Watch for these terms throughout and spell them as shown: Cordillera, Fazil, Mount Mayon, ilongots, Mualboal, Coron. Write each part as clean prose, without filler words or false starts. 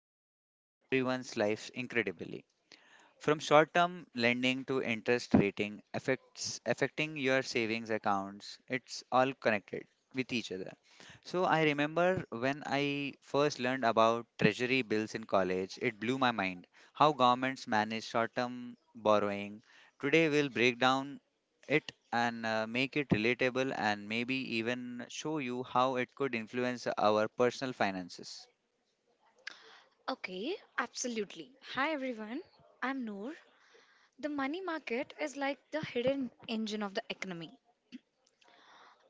market touches everyone's lives incredibly. From short-term lending to interest rating affects affecting your savings accounts, it's all connected with each other. So I remember when I first learned about treasury bills in college, it blew my mind how governments manage short-term borrowing. Today we'll break down it and make it relatable and maybe even show you how it could influence our personal finances. Okay, absolutely. Hi everyone, I'm Noor. The money market is like the hidden engine of the economy.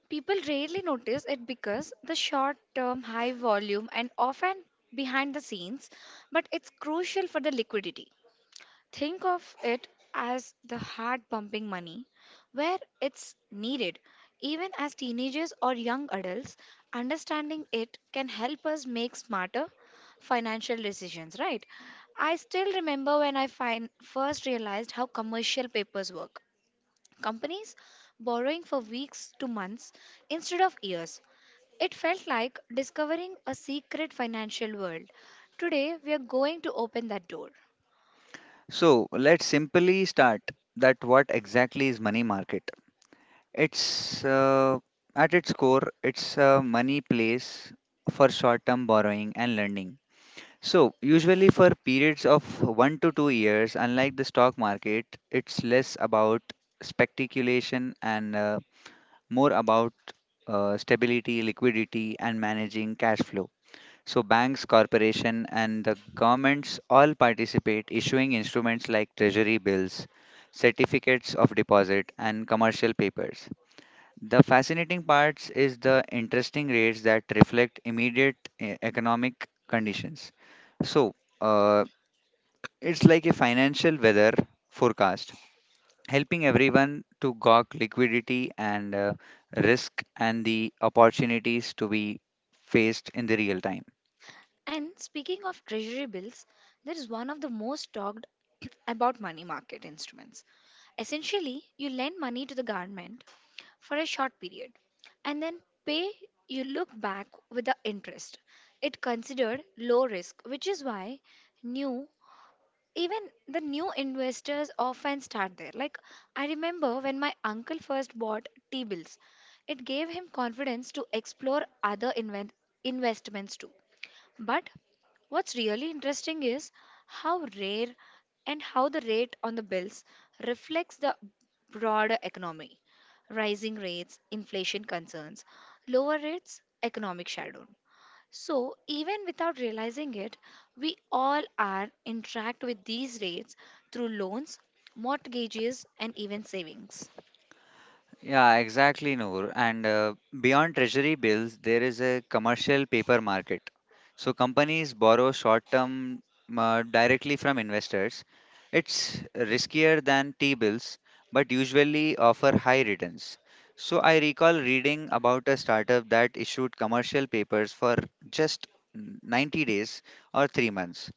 People rarely notice it because the short term high volume and often behind the scenes, but it's crucial for the liquidity. Think of it as the heart pumping money where it's needed. Even as teenagers or young adults, understanding it can help us make smarter financial decisions, right? I still remember when first realized how commercial papers work. Companies borrowing for weeks to months instead of years. It felt like discovering a secret financial world. Today, we are going to open that door. So let's simply start that what exactly is money market? It's at its core, it's a money place for short-term borrowing and lending. So, usually for periods of 1 to 2 years, unlike the stock market, it's less about speculation and more about stability, liquidity, and managing cash flow. So, banks, corporation, and the governments all participate, issuing instruments like treasury bills, certificates of deposit, and commercial papers. The fascinating parts is the interesting rates that reflect immediate economic conditions. So, uh, it's like a financial weather forecast, helping everyone to gauge liquidity and risk and the opportunities to be faced in the real time. And speaking of treasury bills, that is one of the most talked about money market instruments. Essentially, you lend money to the government for a short period and then pay you look back with the interest. It considered low risk, which is why new even the new investors often start there. Like I remember when my uncle first bought T bills, it gave him confidence to explore other investments too. But what's really interesting is how rare and how the rate on the bills reflects the broader economy. Rising rates, inflation concerns, lower rates, economic shadow. So, even without realizing it, we all are interact with these rates through loans, mortgages, and even savings. Yeah, exactly, Noor. And beyond treasury bills, there is a commercial paper market. So companies borrow short-term directly from investors. It's riskier than T-bills, but usually offer high returns. So I recall reading about a startup that issued commercial papers for just 90 days or 3 months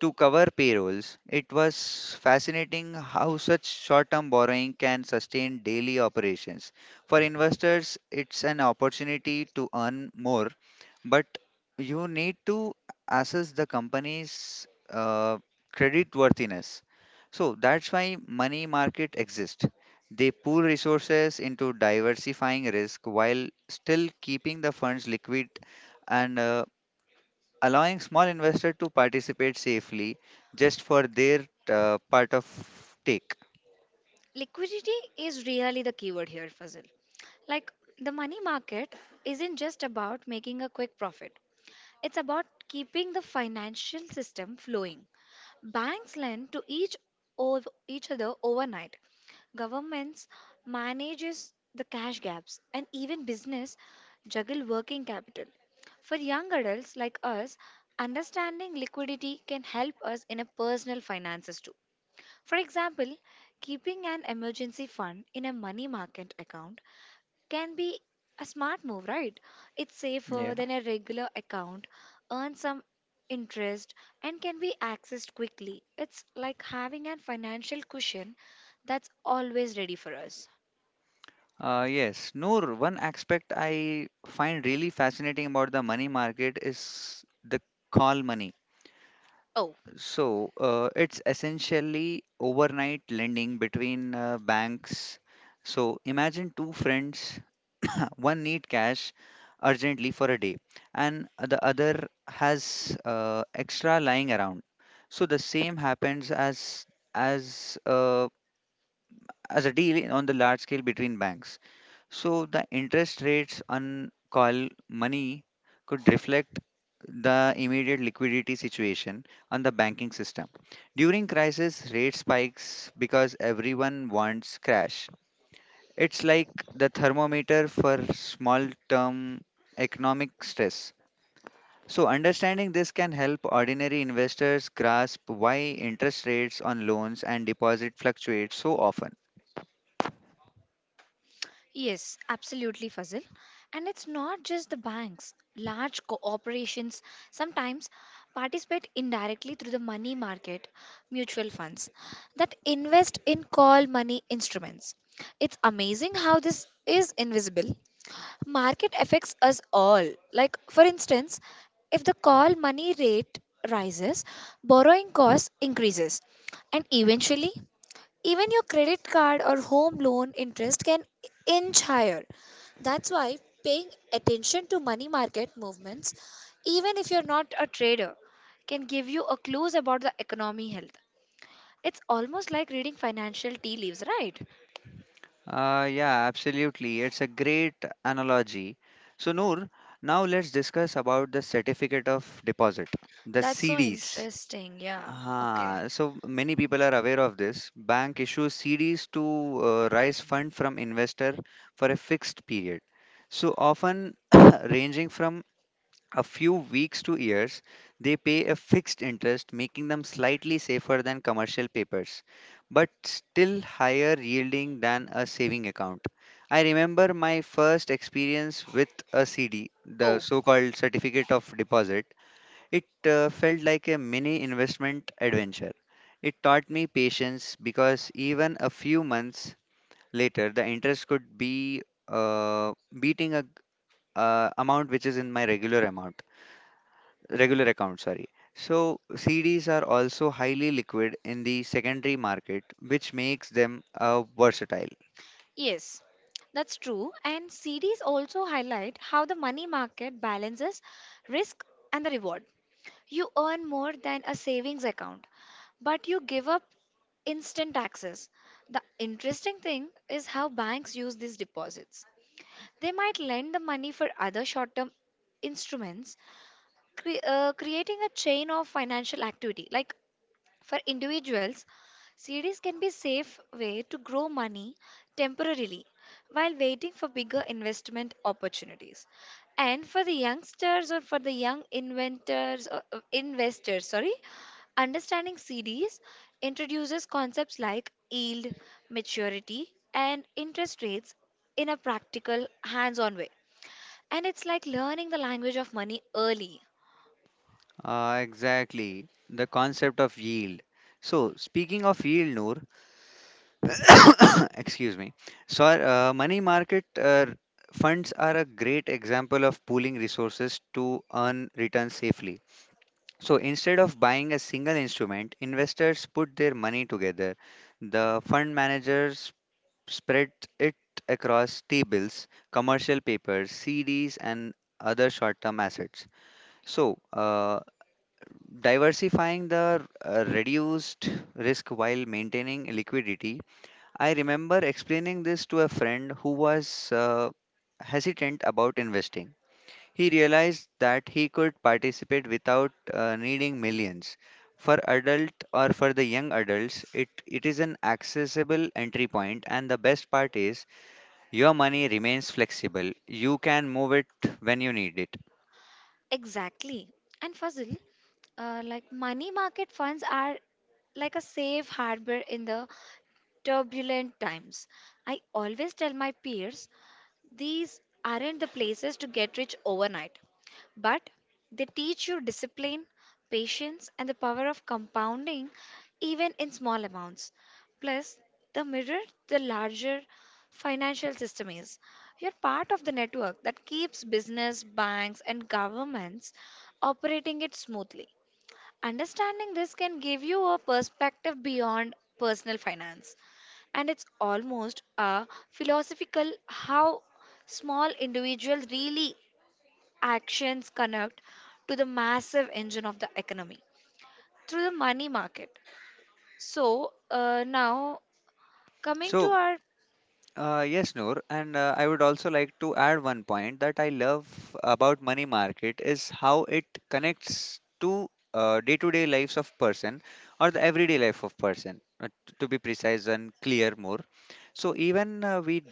to cover payrolls. It was fascinating how such short term borrowing can sustain daily operations. For investors, it's an opportunity to earn more, but you need to assess the company's credit worthiness. So that's why money market exists. They pool resources into diversifying risk while still keeping the funds liquid and allowing small investors to participate safely just for their part of take. Liquidity is really the keyword here, Fazil. Like the money market isn't just about making a quick profit. It's about keeping the financial system flowing. Banks lend to of each other overnight. Governments manages the cash gaps and even business juggle working capital. For young adults like us, understanding liquidity can help us in a personal finances too. For example, keeping an emergency fund in a money market account can be a smart move, right? It's safer Yeah. than a regular account, earns some interest, and can be accessed quickly. It's like having a financial cushion that's always ready for us. Yes, Noor, one aspect I find really fascinating about the money market is the call money. Oh, So it's essentially overnight lending between banks. So imagine two friends, one need cash urgently for a day and the other has extra lying around. So the same happens as uh, as a deal on the large scale between banks. So the interest rates on call money could reflect the immediate liquidity situation on the banking system. During crisis, rate spikes because everyone wants cash. It's like the thermometer for small term economic stress. So, understanding this can help ordinary investors grasp why interest rates on loans and deposit fluctuate so often. yes, absolutely, Fazil. And it's not just the banks. Large corporations sometimes participate indirectly through the money market mutual funds that invest in call money instruments. It's amazing how this is invisible market affects us all, like for instance, if the call money rate rises, borrowing cost increases, and eventually even your credit card or home loan interest can inch higher. That's why paying attention to money market movements, even if you're not a trader, can give you a clues about the economy health. It's almost like reading financial tea leaves, right? Yeah, absolutely. It's a great analogy. So, Noor, now let's discuss about the certificate of deposit, the That's so CDs. interesting, yeah. Okay. Ah, so many people are aware of this. Bank issues CDs to raise fund from investor for a fixed period. So often ranging from a few weeks to years, they pay a fixed interest, making them slightly safer than commercial papers, but still higher yielding than a saving account. I remember my first experience with a CD, the Oh. so-called certificate of deposit. It felt like a mini investment adventure. It taught me patience because even a few months later, the interest could be uh, beating a amount which is in my regular amount, regular account. Sorry. So CDs are also highly liquid in the secondary market, which makes them versatile. Yes, that's true. And CDs also highlight how the money market balances risk and the reward. You earn more than a savings account, but you give up instant taxes. The interesting thing is how banks use these deposits. They might lend the money for other short term instruments, creating a chain of financial activity. Like for individuals, CDs can be a safe way to grow money temporarily while waiting for bigger investment opportunities. And for the youngsters or for the young inventors or investors, sorry, understanding CDs introduces concepts like yield, maturity, and interest rates in a practical, hands-on way. And it's like learning the language of money early. Exactly the concept of yield. So speaking of yield, Noor, excuse me. So, money market funds are a great example of pooling resources to earn returns safely. So, instead of buying a single instrument, investors put their money together. The fund managers spread it across T bills, commercial papers, CDs, and other short term assets. So, diversifying the reduced risk while maintaining liquidity. I remember explaining this to a friend who was hesitant about investing. He realized that he could participate without needing millions. For adult or for the young adults, it is an accessible entry point and the best part is your money remains flexible. You can move it when you need it. Exactly. And Fazil, like money market funds are like a safe harbor in the turbulent times. I always tell my peers these aren't the places to get rich overnight, but they teach you discipline, patience, and the power of compounding even in small amounts. Plus, the mirror, the larger financial system is. You're part of the network that keeps business, banks, and governments operating it smoothly. Understanding this can give you a perspective beyond personal finance. And it's almost a philosophical how small individual really actions connect to the massive engine of the economy through the money market. So now coming to So our yes, Noor, and I would also like to add one point that I love about money market is how it connects to day-to-day lives of person or the everyday life of person, to be precise and clear more. So even we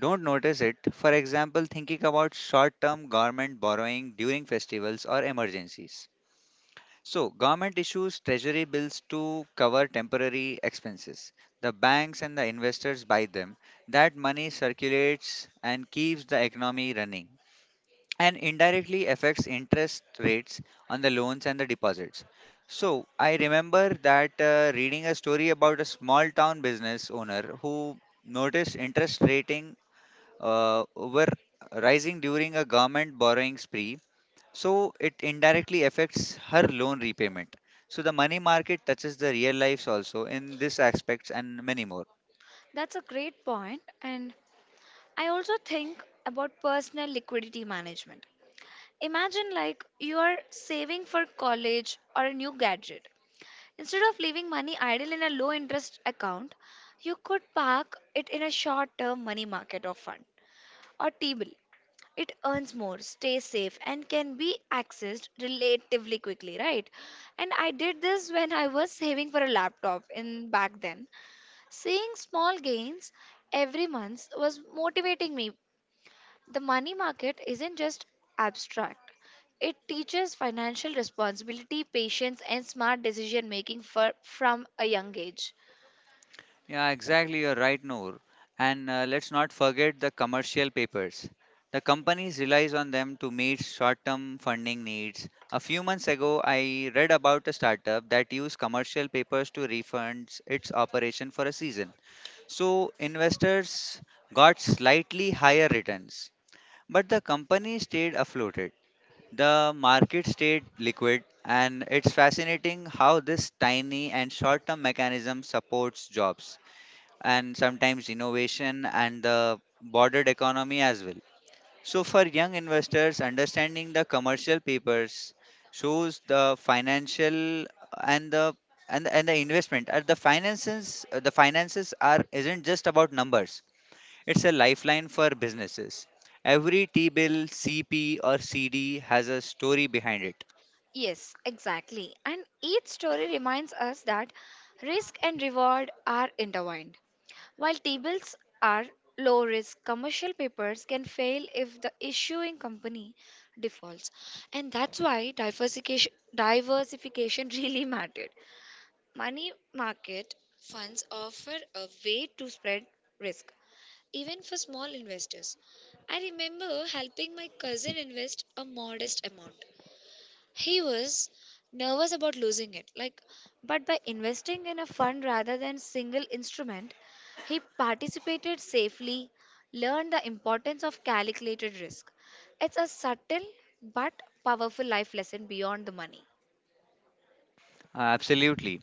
don't notice it. For example, thinking about short-term government borrowing during festivals or emergencies. So, government issues treasury bills to cover temporary expenses. The banks and the investors buy them. That money circulates and keeps the economy running and indirectly affects interest rates on the loans and the deposits. So, I remember that reading a story about a small town business owner who noticed interest rating were rising during a government borrowing spree so it indirectly affects her loan repayment. So the money market touches the real lives also in this aspects and many more. That's a great point, and I also think about personal liquidity management. Imagine like you are saving for college or a new gadget. Instead of leaving money idle in a low interest account, you could park it in a short term money market or fund or T bill. It earns more, stays safe, and can be accessed relatively quickly, right? And I did this when I was saving for a laptop in back then. Seeing small gains every month was motivating me. The money market isn't just abstract. It teaches financial responsibility, patience, and smart decision making for, from a young age. Yeah, exactly. You're right, Noor. And let's not forget the commercial papers. The companies relies on them to meet short-term funding needs. A few months ago, I read about a startup that used commercial papers to refund its operation for a season. So investors got slightly higher returns, but the company stayed afloat. The market stayed liquid, and it's fascinating how this tiny and short term mechanism supports jobs and sometimes innovation and the bordered economy as well. So, for young investors, understanding the commercial papers shows the financial and the and the investment at the finances are isn't just about numbers. It's a lifeline for businesses. Every T bill, CP, or CD has a story behind it. Yes, exactly. And each story reminds us that risk and reward are intertwined. While tables are low risk, commercial papers can fail if the issuing company defaults. And that's why diversification, diversification really mattered. Money market funds offer a way to spread risk, even for small investors. I remember helping my cousin invest a modest amount. He was nervous about losing it, like, but by investing in a fund rather than single instrument, he participated safely, learned the importance of calculated risk. It's a subtle but powerful life lesson beyond the money. Absolutely.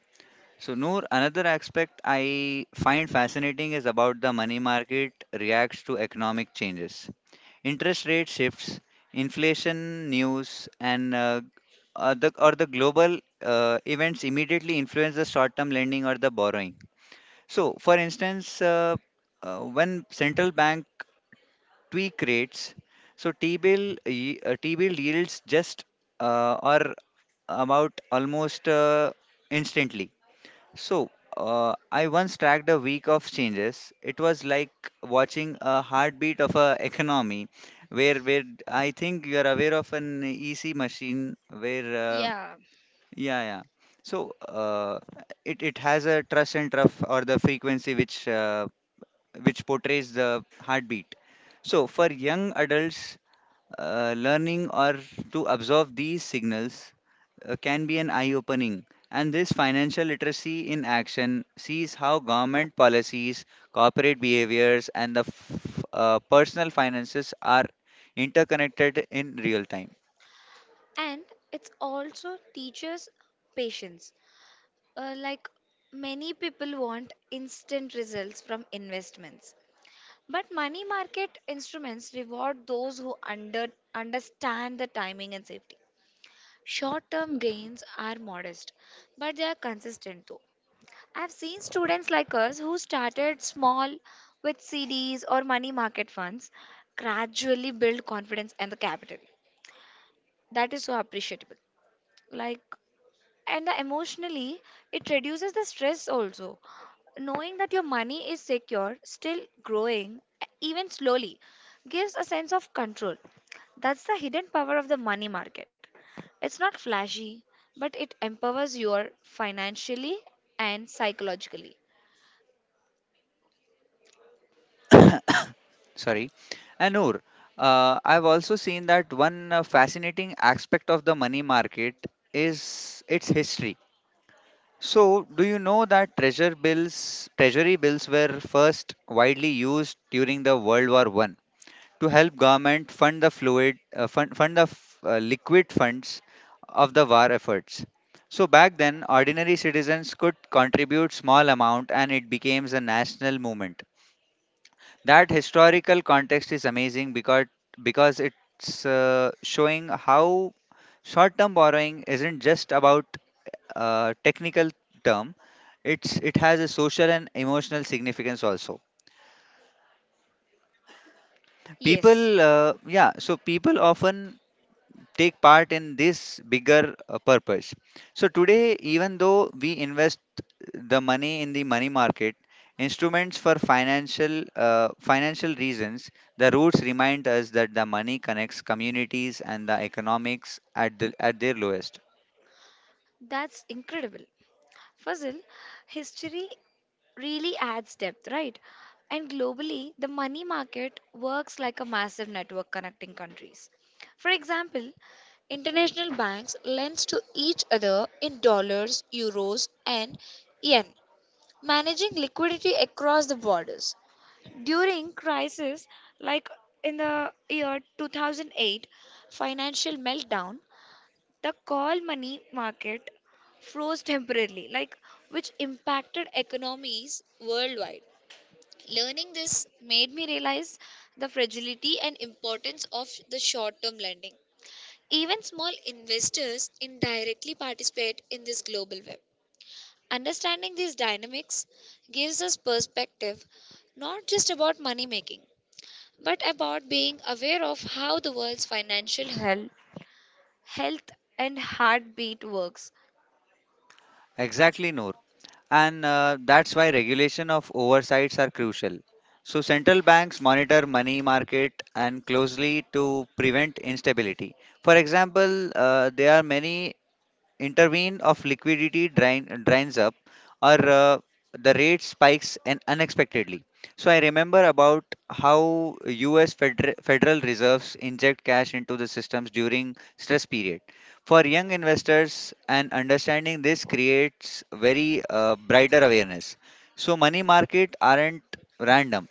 So, Noor, another aspect I find fascinating is about the money market reacts to economic changes. Interest rate shifts, inflation news, and or the global events immediately influence the short term lending or the borrowing. So, for instance, when central bank tweak rates. So T-bill yields just are about almost instantly. So I once tracked a week of changes. It was like watching a heartbeat of a economy, where I think you are aware of an EC machine where Yeah, yeah, yeah. So it has a truss and trough or the frequency which portrays the heartbeat. So, for young adults, learning or to absorb these signals can be an eye opening. And this financial literacy in action sees how government policies, corporate behaviors, and the personal finances are interconnected in real time. and it also teaches patience. Like many people want instant results from investments. But money market instruments reward those who understand the timing and safety. Short term gains are modest, but they are consistent though. I've seen students like us who started small with CDs or money market funds gradually build confidence and the capital. That is so appreciable. Like, and the emotionally it reduces the stress also, knowing that your money is secure still growing, even slowly, gives a sense of control. That's the hidden power of the money market. It's not flashy, but it empowers you financially and psychologically. Sorry. And Noor, I've also seen that one fascinating aspect of the money market is its history. So, do you know that treasury bills were first widely used during the World War I to help government liquid funds of the war efforts. So back then, ordinary citizens could contribute small amount, and it became a national movement. That historical context is amazing because it's showing how short-term borrowing isn't just about a technical term. It has a social and emotional significance also. People, Yes, yeah. So people often take part in this bigger purpose. So today, even though we invest the money in the money market, instruments for financial reasons, the roots remind us that the money connects communities and the economics at their lowest. that's incredible, Fazil. History really adds depth, right? And globally, the money market works like a massive network connecting countries. For example, international banks lend to each other in dollars, euros, and yen, managing liquidity across the borders. During crisis like in the year 2008 financial meltdown, the call money market froze temporarily, like, which impacted economies worldwide. Learning this made me realize the fragility and importance of the short term lending. Even small investors indirectly participate in this global web. Understanding these dynamics gives us perspective not just about money making, but about being aware of how the world's financial health, health and heartbeat works. Exactly, Noor. And that's why regulation of oversights are crucial. So central banks monitor money market and closely to prevent instability. For example, there are many intervene of liquidity drain, drains up or the rate spikes and unexpectedly. So I remember about how US federal reserves inject cash into the systems during stress period. For young investors and understanding this creates very brighter awareness. So money market aren't random.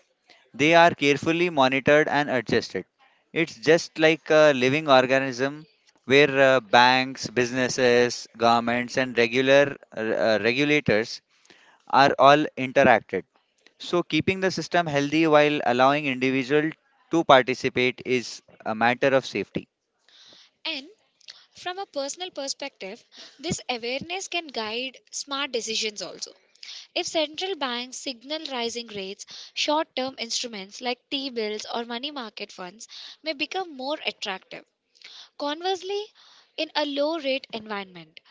They are carefully monitored and adjusted. It's just like a living organism where banks, businesses, governments, and regular regulators are all interacted. So, keeping the system healthy while allowing individual to participate is a matter of safety. And from a personal perspective, this awareness can guide smart decisions also. If central banks signal rising rates, short term instruments like T bills or money market funds may become more attractive. Conversely, in a low rate environment,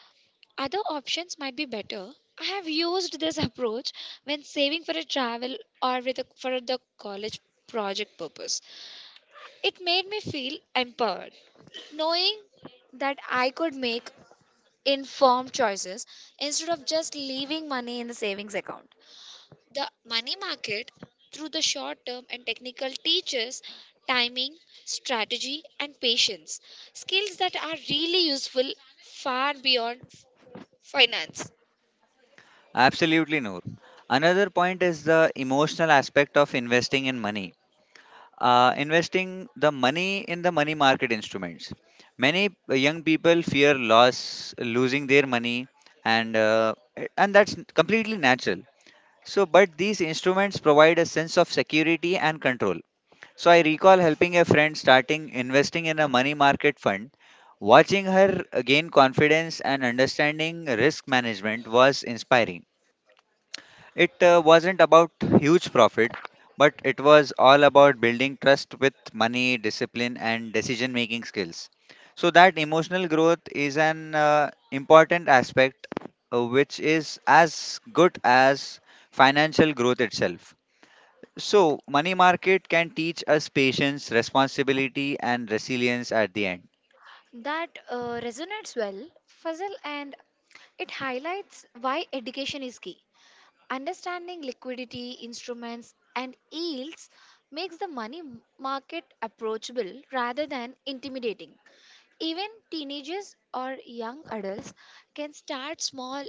other options might be better. I have used this approach when saving for a travel or with a, for the college project purpose. It made me feel empowered, knowing that I could make informed choices instead of just leaving money in the savings account. The money market, through the short term and technical, teaches timing, strategy, and patience skills that are really useful far beyond finance. Absolutely, Noor. Another point is the emotional aspect of investing in money. Investing the money in the money market instruments. Many young people fear loss, losing their money, and uh, and that's completely natural. So, but these instruments provide a sense of security and control. So, I recall helping a friend starting investing in a money market fund. Watching her gain confidence and understanding risk management was inspiring. It wasn't about huge profit, but it was all about building trust with money, discipline, and decision making skills. So, that emotional growth is an important aspect which is as good as financial growth itself. So, money market can teach us patience, responsibility, and resilience at the end. That resonates well, Fazal, and it highlights why education is key. Understanding liquidity, instruments, and yields makes the money market approachable rather than intimidating. Even teenagers or young adults can start small,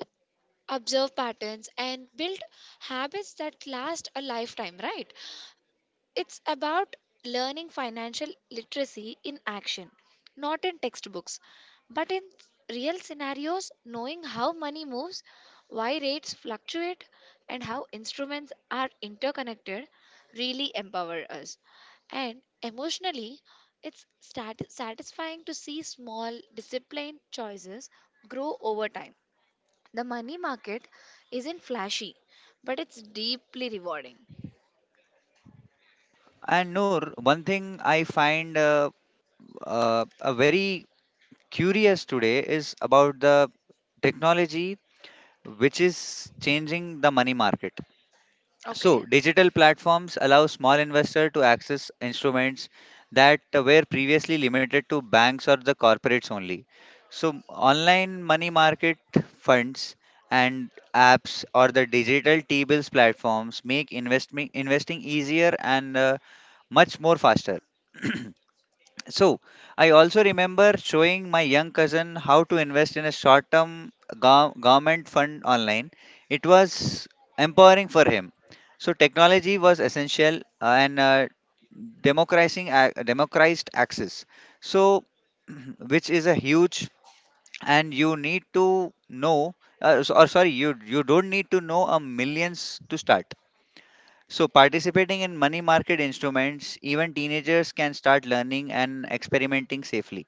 observe patterns, and build habits that last a lifetime, right? It's about learning financial literacy in action, not in textbooks, but in real scenarios, knowing how money moves, why rates fluctuate, and how instruments are interconnected really empower us. And emotionally, it's satisfying to see small, disciplined choices grow over time. The money market isn't flashy, but it's deeply rewarding. And Noor, one thing I find a very curious today is about the technology which is changing the money market. Okay. So, digital platforms allow small investor to access instruments that were previously limited to banks or the corporates only. So, online money market funds and apps or the digital T-bills platforms make investment investing easier and much more faster. So, I also remember showing my young cousin how to invest in a short term government fund online. It was empowering for him. So, technology was essential and democratized access. So, which is a huge and you need to know s- or sorry you don't need to know a millions to start so, participating in money market instruments, even teenagers can start learning and experimenting safely.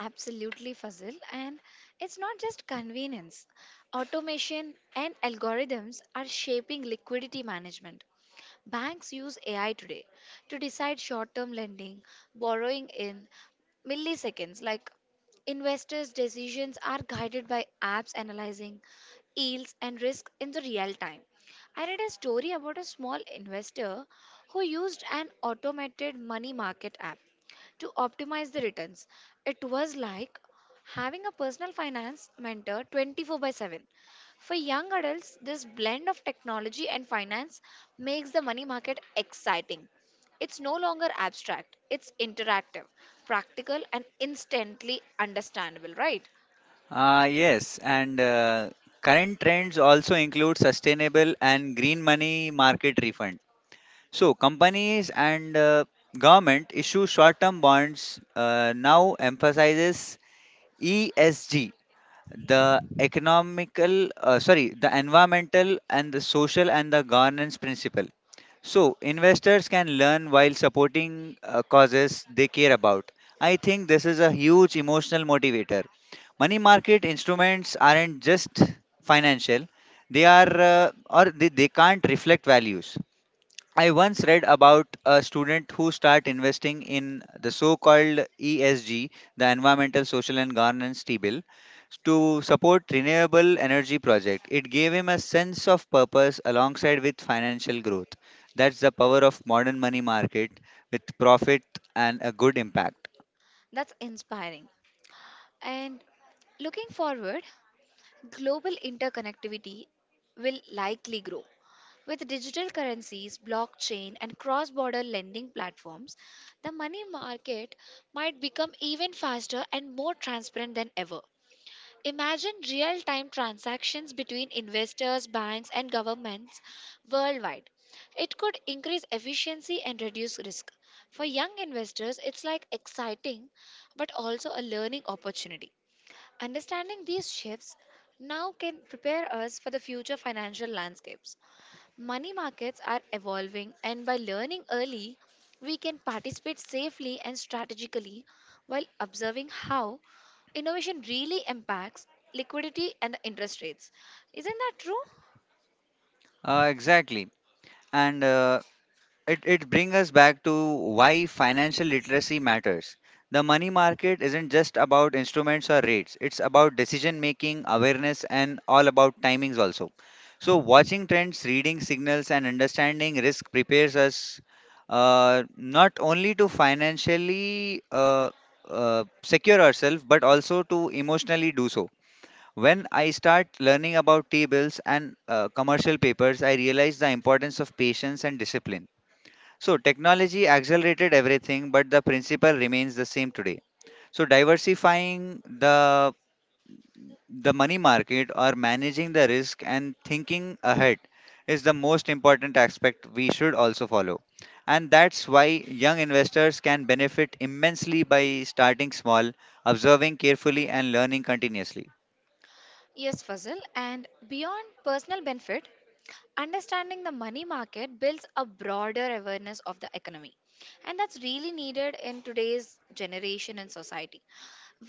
Absolutely, Fazil. And it's not just convenience. Automation and algorithms are shaping liquidity management. Banks use AI today to decide short term lending, borrowing in milliseconds. Like investors' decisions are guided by apps analyzing yields and risk in the real time. I read a story about a small investor who used an automated money market app to optimize the returns. It was like having a personal finance mentor 24 by 7. For young adults, this blend of technology and finance makes the money market exciting. It's no longer abstract, it's interactive, practical, and instantly understandable, right? Ah, yes, and current trends also include sustainable and green money market refund. So, companies and government issue short-term bonds now emphasizes ESG, the economical sorry the environmental and the social and the governance principle. So investors can learn while supporting causes they care about. I think this is a huge emotional motivator. Money market instruments aren't just financial, they are or they can't reflect values. I once read about a student who started investing in the so-called ESG, the environmental, social and governance bill, to support renewable energy project. It gave him a sense of purpose alongside with financial growth. That's the power of modern money market, with profit and a good impact. That's inspiring. And looking forward, global interconnectivity will likely grow. With digital currencies, blockchain, and cross border lending platforms, the money market might become even faster and more transparent than ever. Imagine real time transactions between investors, banks, and governments worldwide. It could increase efficiency and reduce risk. For young investors, it's like exciting but also a learning opportunity. Understanding these shifts now can prepare us for the future financial landscapes. Money markets are evolving, and by learning early, we can participate safely and strategically while observing how innovation really impacts liquidity and the interest rates. Isn't that true? Exactly. And it brings us back to why financial literacy matters. The money market isn't just about instruments or rates, it's about decision making, awareness, and all about timings also. So, watching trends, reading signals, and understanding risk prepares us not only to financially secure ourselves, but also to emotionally do so. When I start learning about T-bills and commercial papers, I realize the importance of patience and discipline. So, technology accelerated everything, but the principle remains the same today. So, diversifying the money market or managing the risk and thinking ahead is the most important aspect we should also follow. And that's why young investors can benefit immensely by starting small, observing carefully and learning continuously. Yes, Fazil. And beyond personal benefit, understanding the money market builds a broader awareness of the economy. And that's really needed in today's generation and society.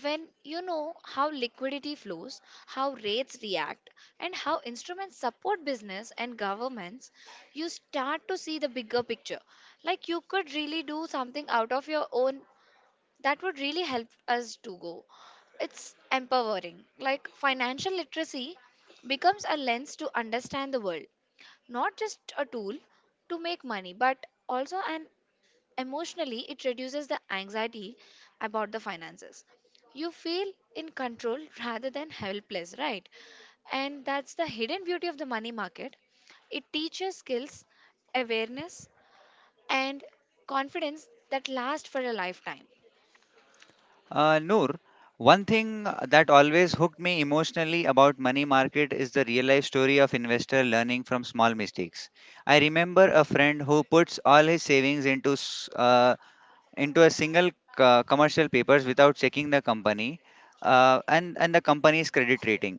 When you know how liquidity flows, how rates react, and how instruments support business and governments, you start to see the bigger picture. Like you could really do something out of your own that would really help us to go. It's empowering. Like financial literacy becomes a lens to understand the world, not just a tool to make money, but also an emotionally it reduces the anxiety about the finances. You feel in control rather than helpless, right? And that's the hidden beauty of the money market. It teaches skills, awareness, and confidence that last for a lifetime. Noor, one thing that always hooked me emotionally about money market is the real life story of investor learning from small mistakes. I remember a friend who puts all his savings into a single commercial papers without checking the company and the company's credit rating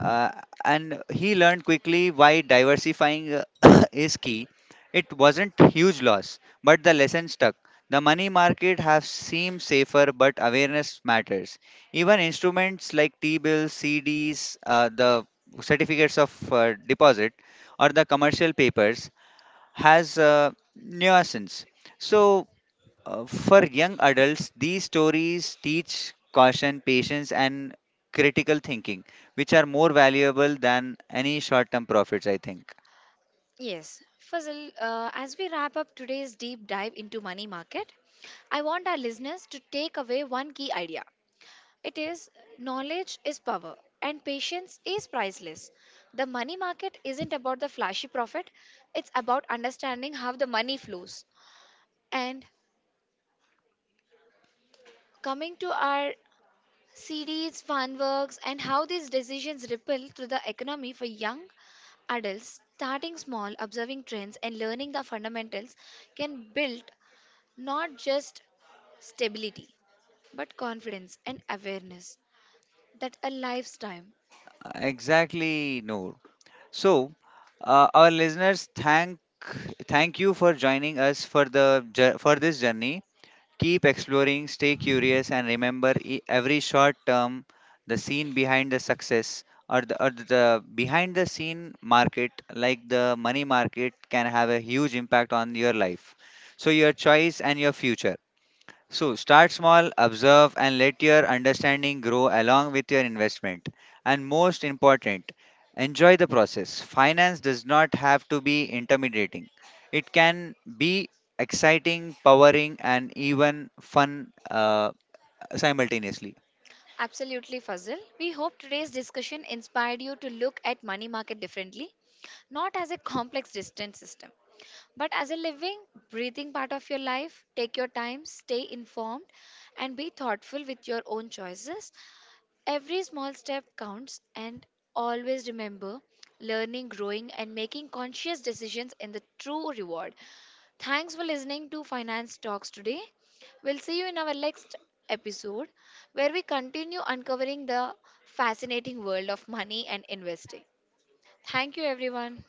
uh, and he learned quickly why diversifying is key. It wasn't huge loss, but the lesson stuck. The money market has seemed safer, but awareness matters. Even instruments like T-bills, CDs, the certificates of deposit, or the commercial papers has nuisance. So for young adults, these stories teach caution, patience, and critical thinking, which are more valuable than any short term profits, I think. Yes, Fazil, as we wrap up today's deep dive into money market, I want our listeners to take away one key idea. It is, knowledge is power and patience is priceless. The money market isn't about the flashy profit, it's about understanding how the money flows. And coming to our CDs, fund works, and how these decisions ripple through the economy for young adults, starting small, observing trends, and learning the fundamentals can build not just stability, but confidence and awareness that a lifetime. Exactly, Noor. So, our listeners, thank you for joining us for the jour- for this journey. Keep exploring, stay curious, and remember every short term, the scene behind the success or the behind the scene market, like the money market, can have a huge impact on your life. So, your choice and your future. So start small, observe, and let your understanding grow along with your investment. And most important, enjoy the process. Finance does not have to be intimidating, it can be exciting, powering, and even fun simultaneously. Absolutely, Fazil. We hope today's discussion inspired you to look at money market differently, not as a complex distant system, but as a living, breathing part of your life. Take your time, stay informed, and be thoughtful with your own choices. Every small step counts, and always remember, learning, growing, and making conscious decisions in the true reward. Thanks for listening to Finance Talks today. We'll see you in our next episode where we continue uncovering the fascinating world of money and investing. Thank you, everyone.